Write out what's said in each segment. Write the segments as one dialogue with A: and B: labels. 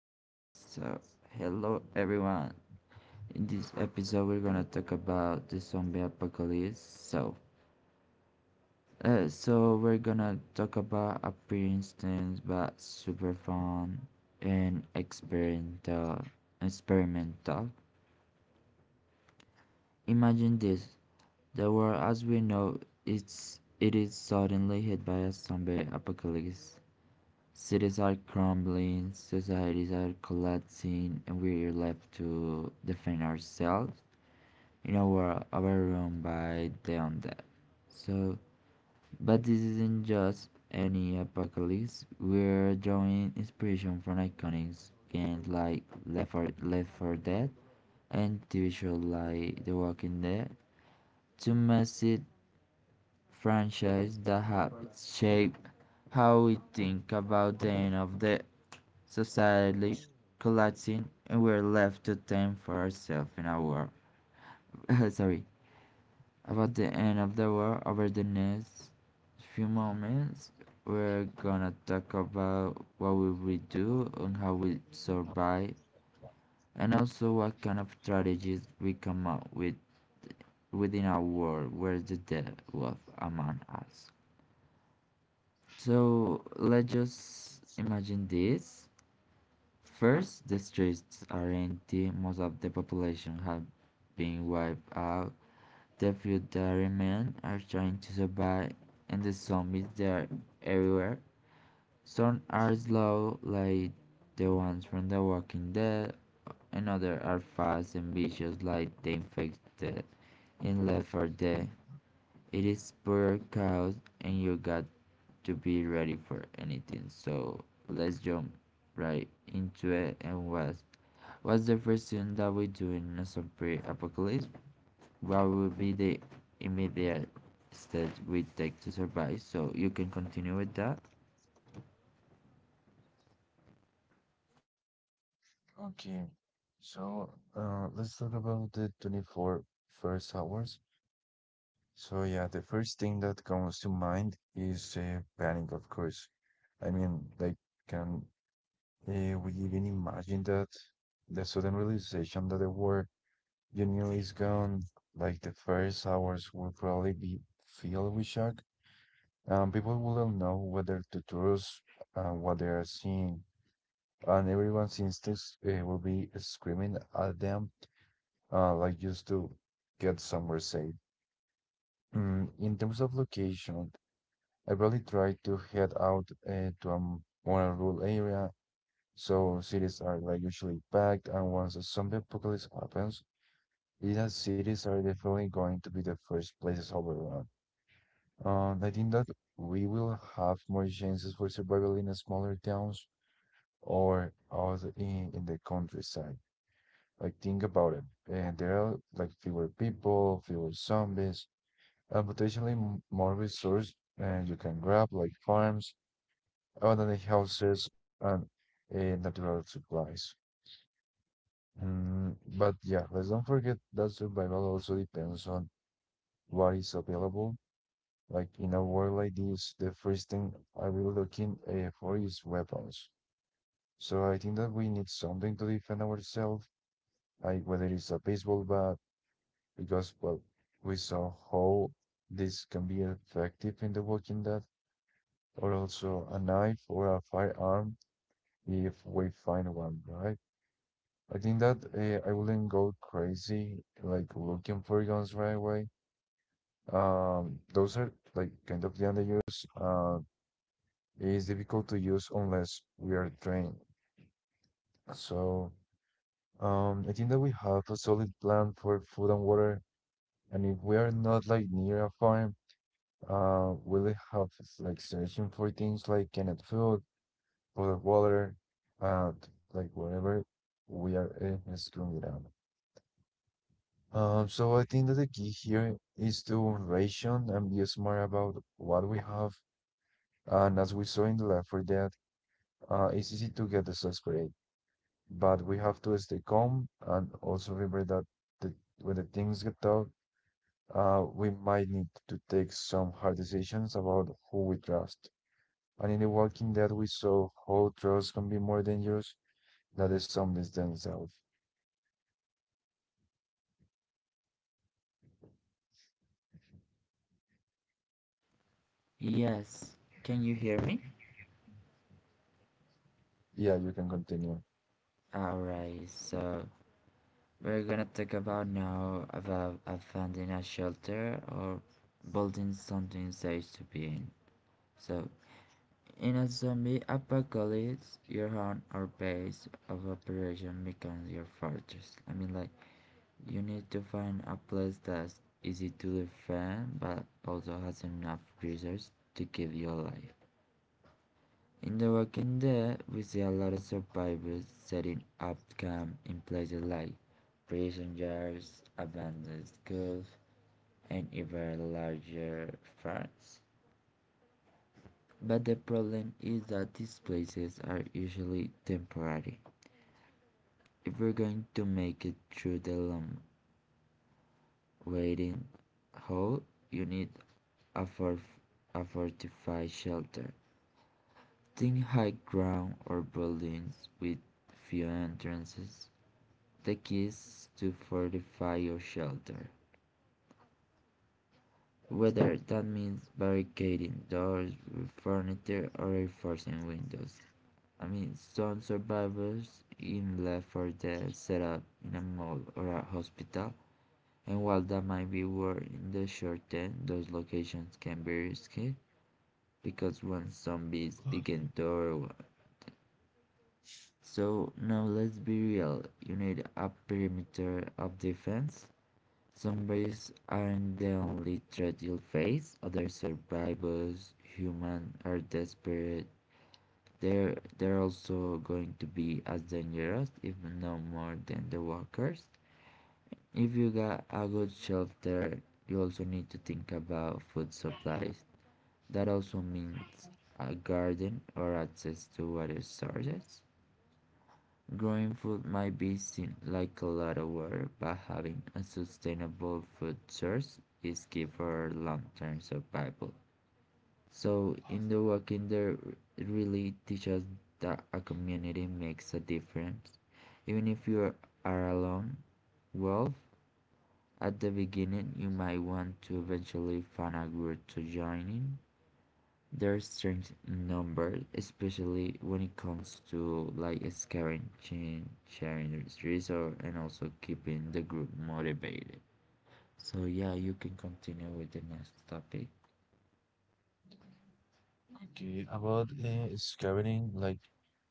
A: Yes, so hello everyone. In this episode, we're gonna talk about the zombie apocalypse. So we're gonna talk about a few instance, but super fun and experimental. Experimental. Imagine this: the world as we know it is suddenly hit by a zombie apocalypse. Cities are crumbling, societies are collapsing, and we're left to defend ourselves in our room by the undead. So, but this isn't just any apocalypse. We're drawing inspiration from iconic games like Left 4 Dead and TV shows like The Walking Dead to massive franchises that have shaped how we think about the end of the society collapsing and we're left to tend for ourselves in our sorry. About the end of the war, over the next few moments, we're gonna talk about what will we do and how we survive, and also what kind of strategies we come up with within our world where the death was among us. So let's just imagine this. First, the streets are empty, most of the population have been wiped out. The feudary men are trying to survive and the zombies they're everywhere. Some are slow like the ones from The Walking Dead and others are fast and vicious like the infected in Left 4 Dead. It is pure chaos and you got to be ready for anything. So let's jump right into it and what? What's the first thing that we do in a zombie apocalypse? What will be the immediate steps we take to survive? So you can continue with that.
B: Okay, so let's talk about the 24 first hours. So, yeah, the first thing that comes to mind is panic, of course. I mean, like, can we even imagine that the sudden realization that the war you knew is gone? Like, the first hours will probably be filled with shock. People will not know whether to trust what they are seeing, and everyone's instincts will be screaming at them like just to get somewhere safe. In terms of location, I really try to head out to a more rural area, so cities are like usually packed, and once a zombie apocalypse happens, these cities are definitely going to be the first places overrun. I think that we will have more chances for survival in the smaller towns or out in the countryside. Like think about it, and there are like fewer people, fewer zombies, and potentially more resources, and you can grab like farms, abandoned houses, and natural supplies. But yeah, let's don't forget that survival also depends on what is available. Like in a war like this, the first thing I will looking for is weapons. So I think that we need something to defend ourselves, like whether it's a baseball bat, because well, we saw how this can be effective in The Walking Dead, or also a knife or a firearm if we find one, right? I think that I wouldn't go crazy like looking for guns right away. Those are like kind of the underused. It's difficult to use unless we are trained. So I think that we have a solid plan for food and water, and if we are not like near a farm, we'll have like searching for things like canned food for water, like whatever we are screwing it up. So I think that the key here is to ration and be smart about what we have. And as we saw in the Left 4 Dead, it's easy to get desperate, but we have to stay calm and also remember that the, when the things get tough, we might need to take some hard decisions about who we trust. And in The Walking Dead, we saw how trust can be more dangerous than the zombies themselves.
A: Yes. Can you hear me?
B: Yeah, you can continue.
A: Alright, so we're gonna talk about now about finding a shelter or building something safe to be in. So in a zombie apocalypse, your home or base of operation becomes your fortress. I mean like, you need to find a place that's easy to defend but also has enough resources to keep you alive. In The Walking Dead, we see a lot of survivors setting up camp in places like prison yards, abandoned schools, and even larger farms. But the problem is that these places are usually temporary. If you're going to make it through the long waiting hole, you need afford a fortified shelter. Think high ground or buildings with few entrances. The keys to fortify your shelter. Whether that means barricading doors with furniture or reinforcing windows. I mean, some survivors in Left 4 Dead set up in a mall or a hospital, and while that might be worth in the short term, those locations can be risky because once zombies begin to. So now let's be real. You need a perimeter of defense. Zombies aren't the only threat you'll face. Other survivors, human, are desperate. They're also going to be as dangerous, if no more than the walkers. If you got a good shelter, you also need to think about food supplies. That also means a garden or access to water sources. Growing food might be seen like a lot of work, but having a sustainable food source is key for long-term survival. So in the walking there it really teaches that a community makes a difference. Even if you are alone, well, at the beginning you might want to eventually find a group to join in they're strange numbers, especially when it comes to like scaring, sharing resources, and also keeping the group motivated. So yeah, you can continue with the next topic.
B: Okay, about scavenging like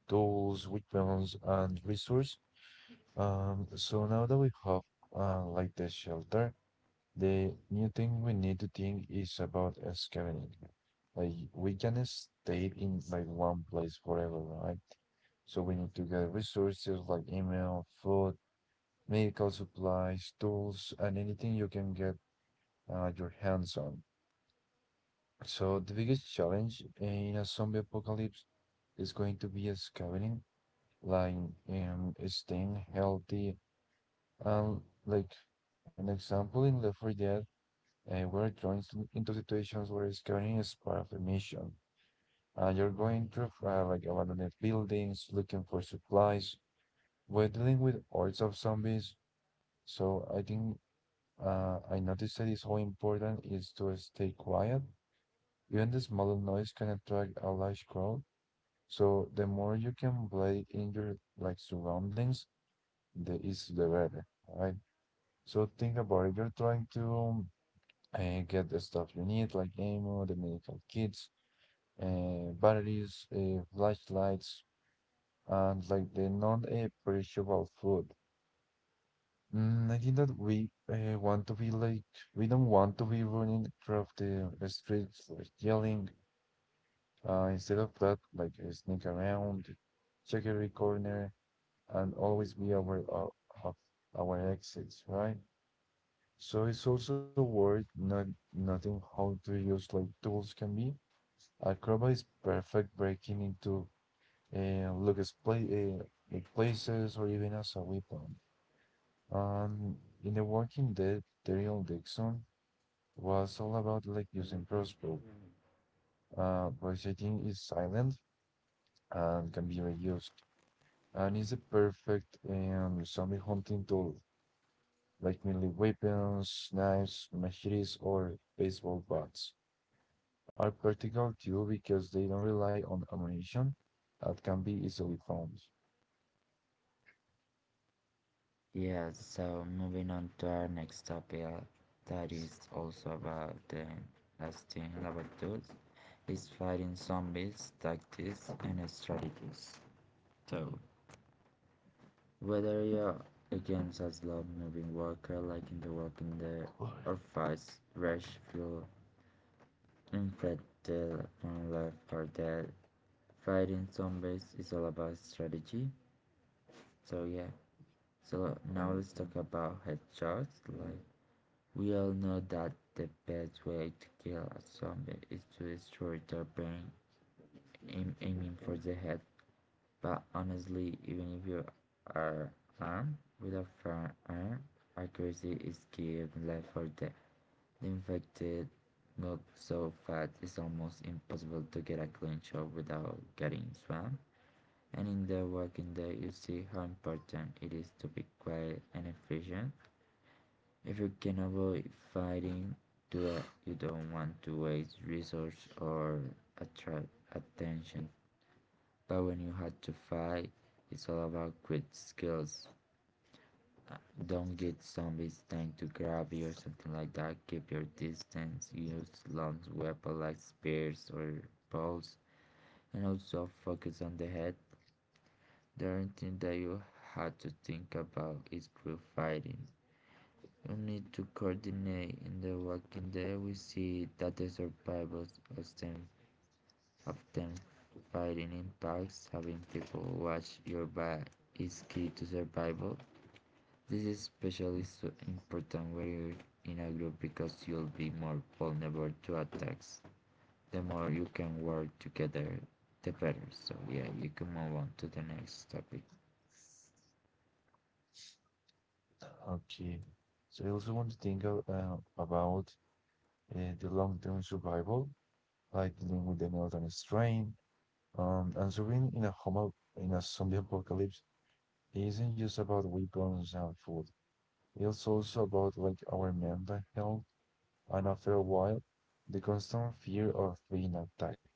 B: tools, weapons, and resource. So now that we have like the shelter, the new thing we need to think is about scavenging. Like we can stay in like one place forever, right? So we need to get resources like email, food, medical supplies, tools, and anything you can get your hands on. So the biggest challenge in a zombie apocalypse is going to be escaping, like staying healthy. And like an example in Left 4 Dead, we're thrown into situations where scavenging is part of the mission. And you're going through like abandoned buildings, looking for supplies, we're dealing with hordes of zombies. So I think I noticed that it's how important it is to stay quiet. Even the smallest noise can attract a large crowd. So the more you can play in your like surroundings, the is the better, right? So think about it. You're trying to get the stuff you need, like ammo, the medical kits, batteries, flashlights, and like the non-perishable food. I think that we want to be like we don't want to be running across the streets like yelling. Instead of that, like sneak around, check every corner and always be aware of our exits, right? So it's also worth not noting how to use like tools can be. Acrobat is perfect breaking into Lucas play like places or even as a weapon. Um, in The Walking Dead, Daryl Dixon was all about like using crossbow, but I think is silent and can be reused, and is the perfect zombie hunting tool. Like mainly weapons, knives, machetes, or baseball bats, are practical too because they don't rely on ammunition that can be easily found.
A: Yeah, so moving on to our next topic, that is also about the last thing about those is fighting zombies, tactics, and strategies. So whether you're against a slow-moving worker like in The Walking Dead or fast, rash flu, infected from Left 4 Dead, fighting zombies is all about strategy. So yeah, so now let's talk about headshots. Like we all know that the best way to kill a zombie is to destroy their brain, aiming for the head. But honestly, even if you are armed with a firearm, accuracy is key in life for. The infected move so fast it's almost impossible to get a clean shot without getting swamped. And in the working day, you see how important it is to be quiet and efficient. If you can avoid fighting, do it. You don't want to waste resource or attract attention but when you had to fight, it's all about grit skills. Uh, Don't get zombies trying to grab you or something like that. Keep your distance. Use long weapons like spears or bows. And also focus on the head. The only thing that you had to think about is group fighting. You need to coordinate. In the Walking Dead, we see that the survivors of them often fighting in packs, having people watch your back is key to survival. This is especially so important when you're in a group because you'll be more vulnerable to attacks. The more you can work together, the better. So yeah, you can move on to the next topic.
B: Okay, so I also want to think of, about the long-term survival, like dealing with the molten strain. And surviving in a zombie apocalypse isn't just about weapons and food. It's also about like our mental health and after a while, the constant fear of being attacked,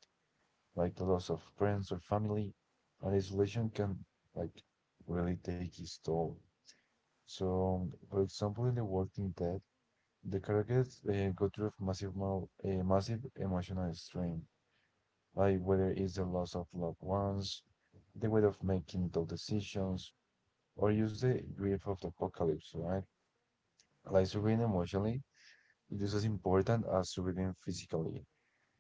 B: like the loss of friends or family, and isolation can like really take its toll. So, for example, in The Walking Dead, the characters go through massive emotional strain, like whether it's the loss of loved ones, the weight of making tough decisions, or use the grief of the apocalypse, right? Like surviving emotionally is just as important as surviving physically.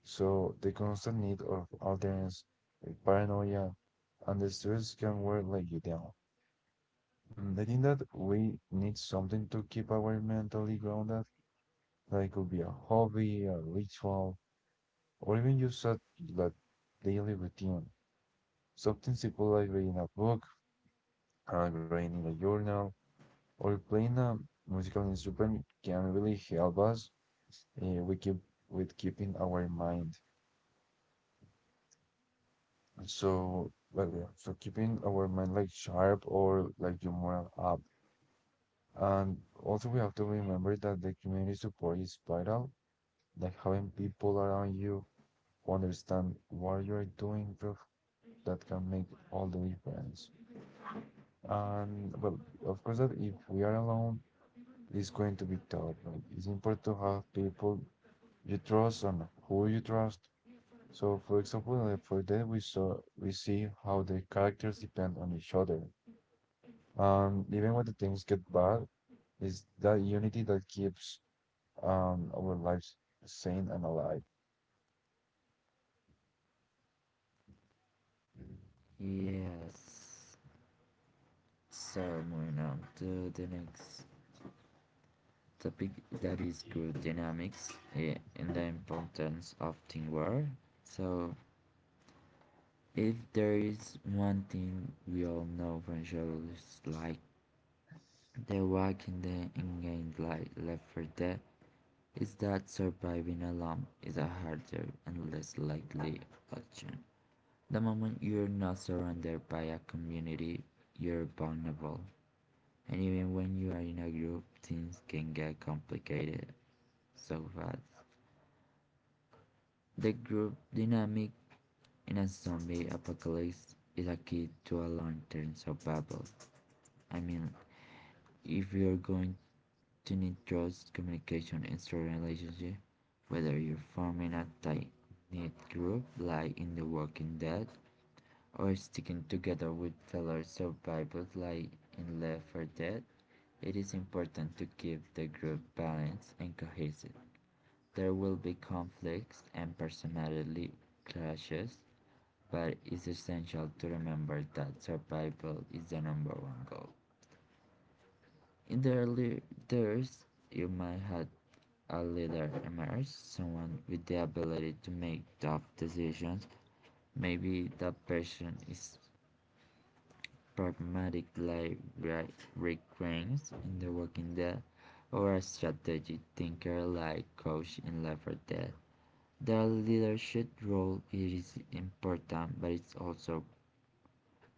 B: So the constant need of alternance with paranoia and the stress can wear let you down. I think that we need something to keep our mentally grounded. Like it could be a hobby, a ritual, or even just a like, daily routine. Something simple like reading a book, writing a journal, or playing a musical instrument can really help us we keep with keeping our mind. So, well, yeah, so keeping our mind like sharp or like your morale up. And also we have to remember that the community support is vital, like having people around you who understand what you're doing, bro, that can make all the difference. And well, of course that if we are alone, it's going to be tough, but it's important to have people you trust and who you trust. So for example, like for that we see how the characters depend on each other. Even when the things get bad, it's that unity that keeps our lives sane and alive.
A: Yes. So moving on to the next topic that is group dynamics and the importance of teamwork. So if there is one thing we all know from shows like The Walking Dead and games like Left 4 Dead, is that surviving alone is a harder and less likely option. The moment you're not surrounded by a community, you're vulnerable. And even when you are in a group, things can get complicated so fast. The group dynamic in a zombie apocalypse is a key to a long-term survival. I mean, if you're going to need trust, communication, and strong relationship, whether you're forming a tight knit group like in The Walking Dead or sticking together with fellow survivors like in Left 4 Dead, it is important to keep the group balanced and cohesive. There will be conflicts and personality clashes, but it's essential to remember that survival is the number one goal. In the early years, you might have a leader emerge, someone with the ability to make tough decisions. Maybe that person is pragmatic like Rick Grimes in The Walking Dead, or a strategic thinker like Coach in Left 4 Dead. Their leadership role is important, but it also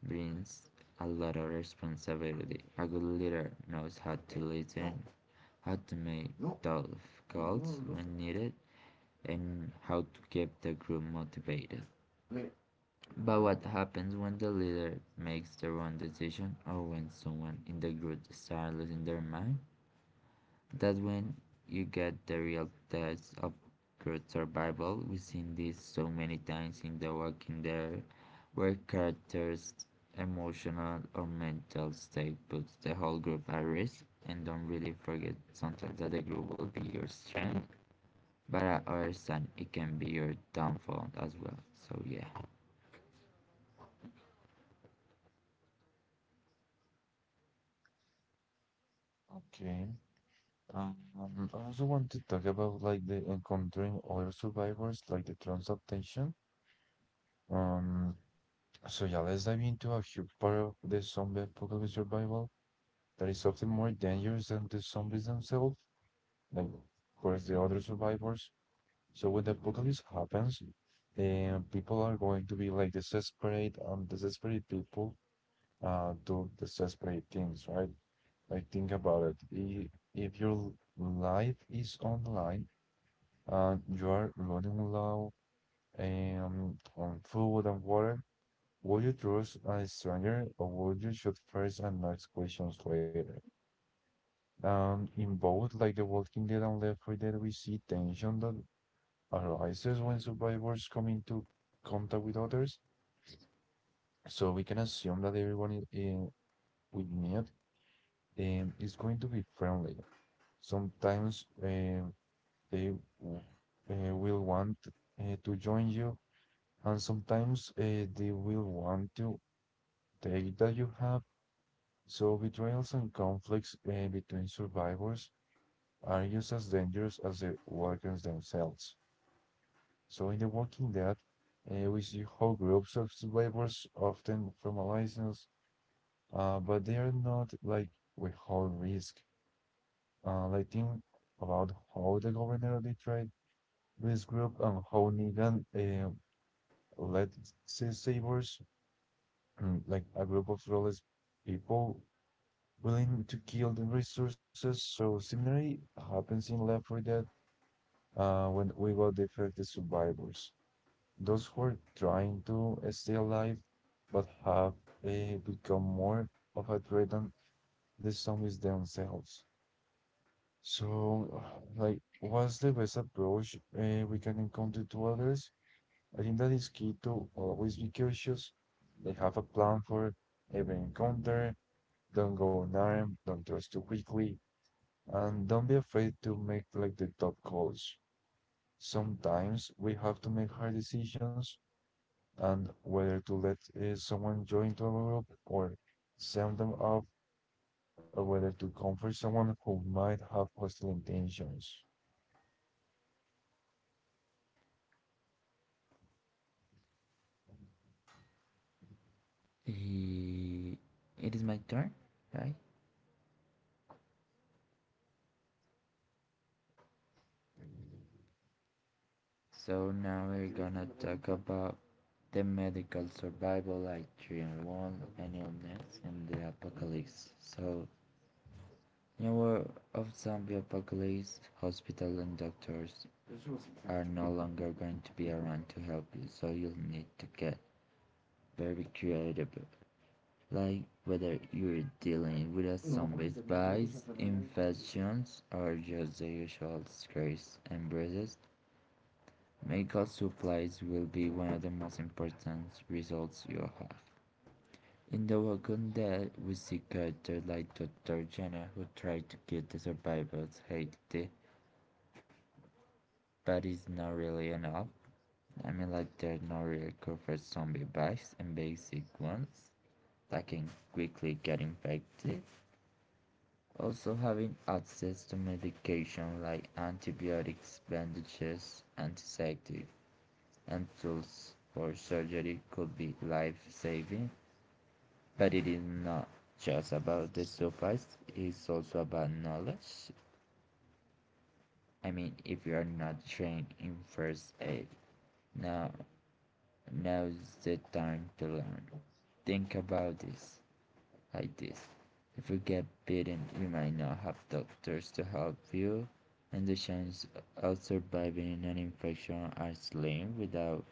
A: brings a lot of responsibility. A good leader knows how to listen, how to make tough calls when needed, and how to keep the group motivated. But what happens when the leader makes the wrong decision or when someone in the group starts losing their mind? That's when you get the real test of crewed survival. We've seen this so many times in The Walking Dead, where characters' emotional or mental state puts the whole group at risk. And don't really forget sometimes that the group will be your strength, but I understand it can be your downfall as well. So yeah.
B: Okay. Um, I also want to talk about like the encountering other survivors, like the transadaptation. Um, so yeah, let's dive into a huge part of the zombie apocalypse survival that is often more dangerous than the zombies themselves. Like, of course, the other survivors. So when the apocalypse happens, people are going to be like desperate, desperate people do desperate things, right? Like think about it. If your life is online and you are running low on food and water, would you trust a stranger or would you shoot first and ask questions later? In both, like The Walking Dead and Left 4 Dead, we see tension that arises when survivors come into contact with others. So we can assume that everyone we meet is going to be friendly. Sometimes they will want to join you, and sometimes they will want to take that you have. So betrayals and conflicts between survivors are just as dangerous as the workers themselves. So in The Walking Dead, we see how groups of survivors often from a license, but they are not like without risk. Like think about how the governor betrayed this group and how Negan led savers, like a group of lawless people willing to kill the resources. So similarly happens in Left 4 Dead when we will defect the survivors, those who are trying to stay alive but have become more of a threat than the zombies themselves. So, like, what's the best approach we can encounter to others? I think that is key to always be cautious. They have a plan for every encounter. Don't go unarmed. Don't trust too quickly, and don't be afraid to make like the tough calls. Sometimes we have to make hard decisions and whether to let someone join to a group or send them off, or whether to comfort someone who might have hostile intentions.
A: Eh, it is my turn, right? So now we're gonna talk about the medical survival like during one an illness and the apocalypse. So in a world of zombie apocalypse, hospitals and doctors are no longer going to be around to help you, so you'll need to get very creative. Like whether you're dealing with a zombie's bites, infections, or just the usual scars and bruises, medical supplies will be one of the most important results you'll have. In the Walking Dead, we see characters like Dr. Jenner who tried to give the survivors healthy, but it's not really enough. I mean, like, there's no real cure for zombie bites and basic ones that can quickly get infected. Also, having access to medication like antibiotics, bandages, antiseptics and tools for surgery could be life-saving, but it is not just about the supplies, it's also about knowledge. I mean, if you are not trained in first aid, now now's the time to learn. Think about this. Like this. If you get bitten, you might not have doctors to help you, and the chances of surviving an infection are slim without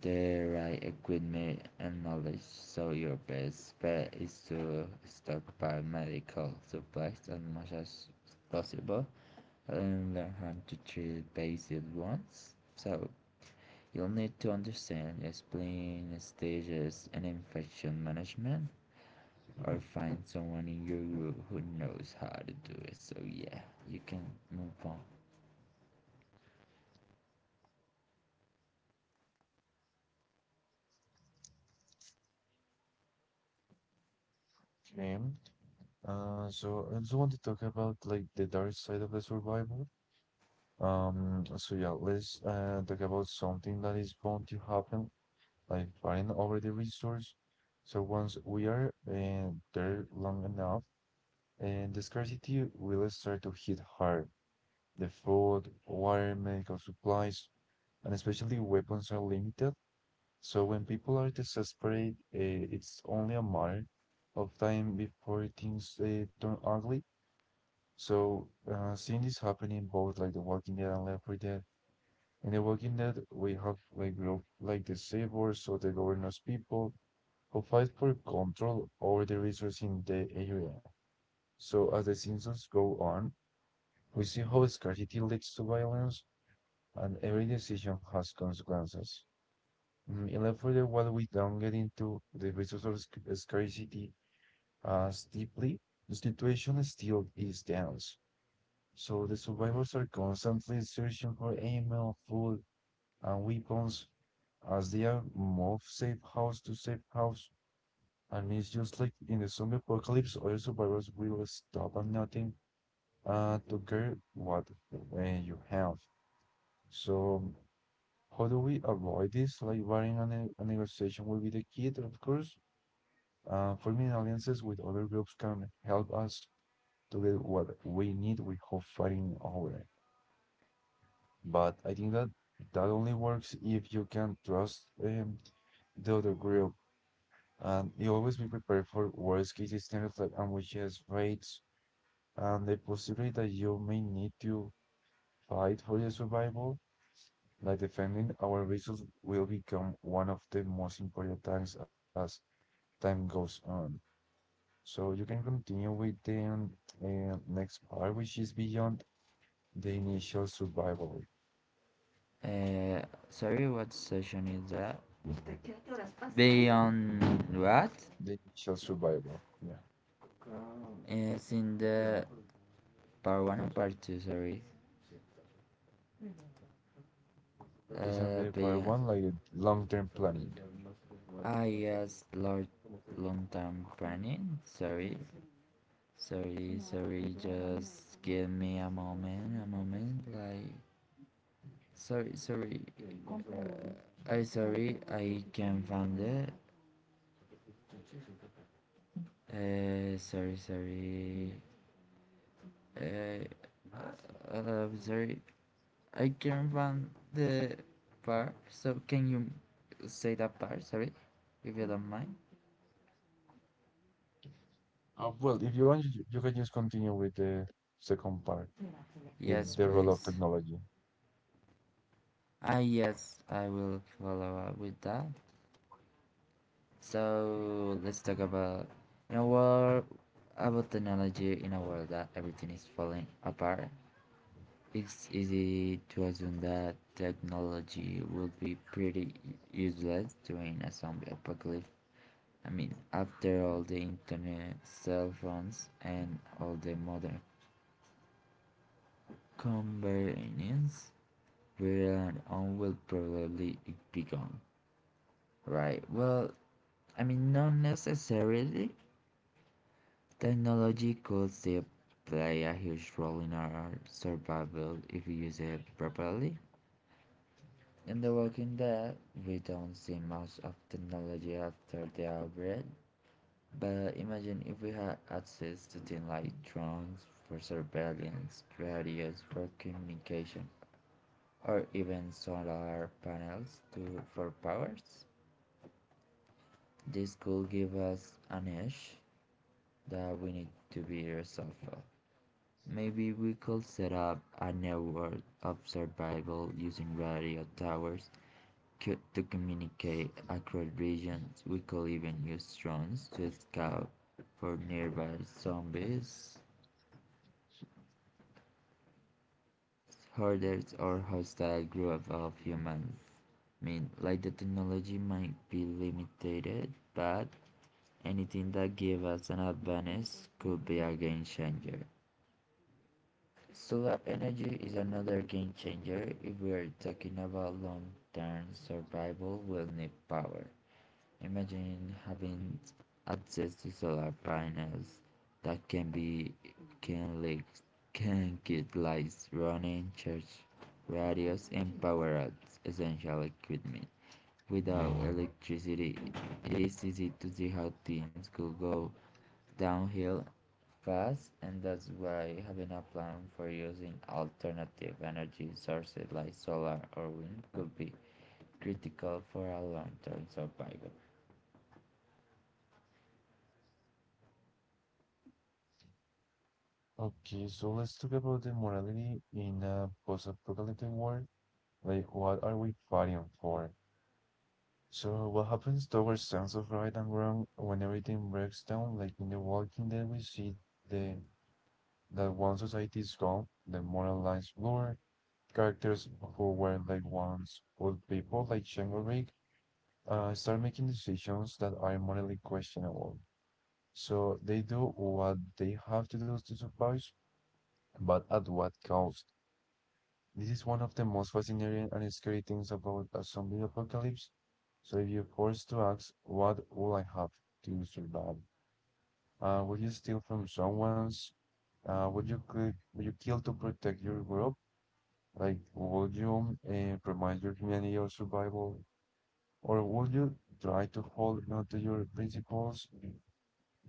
A: the right equipment and knowledge. So, your best bet is to stockpile medical supplies as much as possible and learn how to treat basic ones. So, you'll need to understand, explain stages and infection management or find someone in your group who knows how to do it. So yeah, you can move on.
B: Okay. So I also want to talk about like the dark side of the survival. So yeah, let's talk about something that is bound to happen, like fighting over the resource. So once we are there long enough, and the scarcity will start to hit hard. The food, water, medical supplies, and especially weapons are limited. So when people are desperate, it's only a matter of time before things turn ugly. So seeing this happen in both like The Walking Dead and Left 4 Dead. In The Walking Dead, we have like group like the Sabers or the Governor's people who fight for control over the resources in the area. So as the seasons go on, we see how scarcity leads to violence, and every decision has consequences. And then further, while we don't get into the resource scarcity as deeply, the situation still is tense. So the survivors are constantly searching for ammo, food, and weapons as they are moved safe house to safe house. And it's just like in the zombie apocalypse, all survivors will stop at nothing to get what you have. So how do we avoid this? Like, barring a negotiation will be the key, of course. Forming alliances with other groups can help us to get what we need without fighting over it. But I think that only works if you can trust the other group. And you always be prepared for worst case scenarios like ambushes, raids, and the possibility that you may need to fight for your survival. Like defending our vessels will become one of the most important tasks as time goes on. So you can continue with the next part, which is beyond the initial survival.
A: Uh, sorry, what session is that? Beyond what?
B: The initial survival, yeah.
A: It's in the part one or part two. Sorry.
B: It's on the part
A: Beyond.
B: one, like long-term planning.
A: Ah yes, Lord, long time planning. Sorry. Just give me a moment. Sorry, sorry. Sorry. I can't find it. Uh, sorry, sorry. Eh, I'm sorry. I can't find the part. So can you say that part? Sorry, if you don't mind.
B: Well, if you want, you can just continue with the second part, with
A: Yes,
B: the role of
A: please.
B: technology.
A: Ah, yes, I will follow up with that. So let's talk about in a world about technology in a world that everything is falling apart. It's easy to assume that technology will be pretty useless during a zombie apocalypse. I mean, after all the internet, cell phones, and all the modern convenience, where and on will probably be gone. Right, well, I mean, not necessarily. Technology could still play a huge role in our survival if we use it properly. In The Walking Dead, we don't see much of technology after the outbreak, but imagine if we had access to things like drones for surveillance, radios for communication, or even solar panels to, for powers. This could give us an edge that we need to be resourceful. Maybe we could set up a network of survival using radio towers to communicate across regions. We could even use drones to scout for nearby zombies herders or hostile groups of humans. I mean, like the technology might be limited, but anything that gives us an advantage could be a game changer. Solar energy is another game changer. If we are talking about long term survival, we'll need power. Imagine having access to solar panels that can be can like can get lights running, church radios, and power out essential equipment. Without electricity, it is easy to see how things could go downhill fast, and that's why having a plan for using alternative energy sources like solar or wind could be critical for a long-term survival.
B: Okay, so let's talk about the morality in a post-apocalyptic world. Like, what are we fighting for? So what happens towards sense of right and wrong when everything breaks down? Like in The Walking Dead, we see the that once society is gone, the moral lines blur. Characters who were like once good people, like Shinglerig, start making decisions that are morally questionable. So they do what they have to do to survive, but at what cost? This is one of the most fascinating and scary things about a zombie apocalypse. So if you're forced to ask, what will I have to survive? Would you steal from someone's? Would you kill to protect your group? Like, would you promise your humanity or survival? Or would you try to hold on to your principles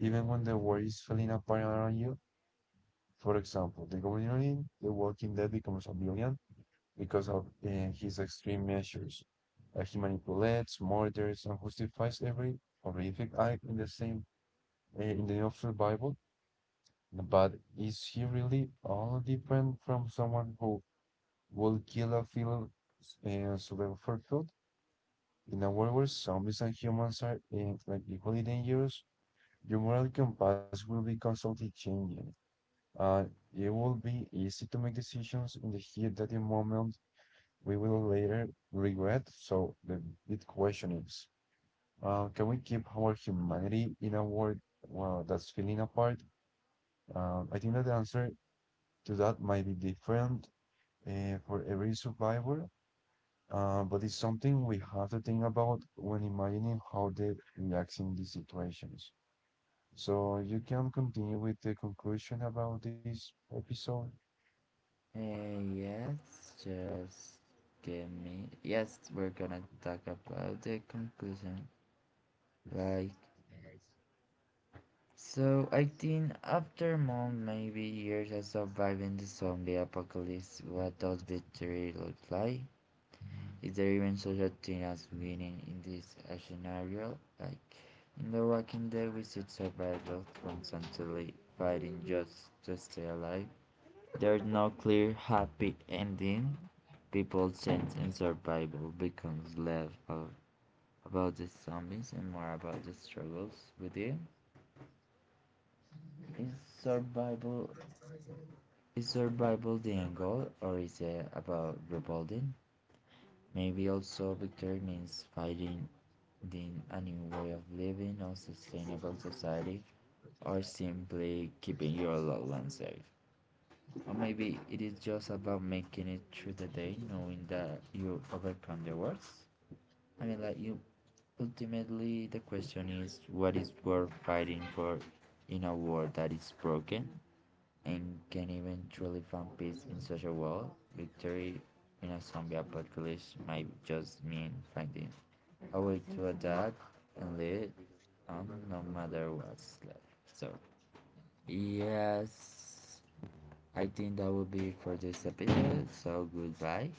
B: even when the world is falling apart around you? For example, the governor in The Walking Dead becomes a villain because of his extreme measures. He manipulates, murders, and justifies every horrific act in the same in the name of survival. But is he really all different from someone who will kill a fellow survivor for food? In a world where zombies and humans are like equally dangerous, your moral compass will be constantly changing. Uh, it will be easy to make decisions in the heat of the moment we will later regret. So the big question is, can we keep our humanity in a world well, that's feeling apart? I think that the answer to that might be different for every survivor, but it's something we have to think about when imagining how they react in these situations. So you can continue with the conclusion about this episode.
A: Yes, just give me. Yes, we're gonna talk about the conclusion. Like, so I think after months, maybe years of surviving the zombie apocalypse, what does victory look like? Is there even such a thing as winning in this scenario? Like, in The Walking Dead, we see survivors constantly fighting just to stay alive. There's no clear happy ending. People change and survival becomes less of, about the zombies and more about the struggles with them. Is survival is survival the end goal or is it about rebuilding? Maybe also victory means fighting in a new way of living or sustainable society or simply keeping your loved ones safe. Or maybe it is just about making it through the day knowing that you overcome the worst. I mean, like you. Ultimately, the question is, what is worth fighting for in a world that is broken and can eventually find peace in such a world? Victory in a zombie apocalypse might just mean finding a way to adapt and live on no matter what's left. So, yes, I think that will be for this episode. So, goodbye.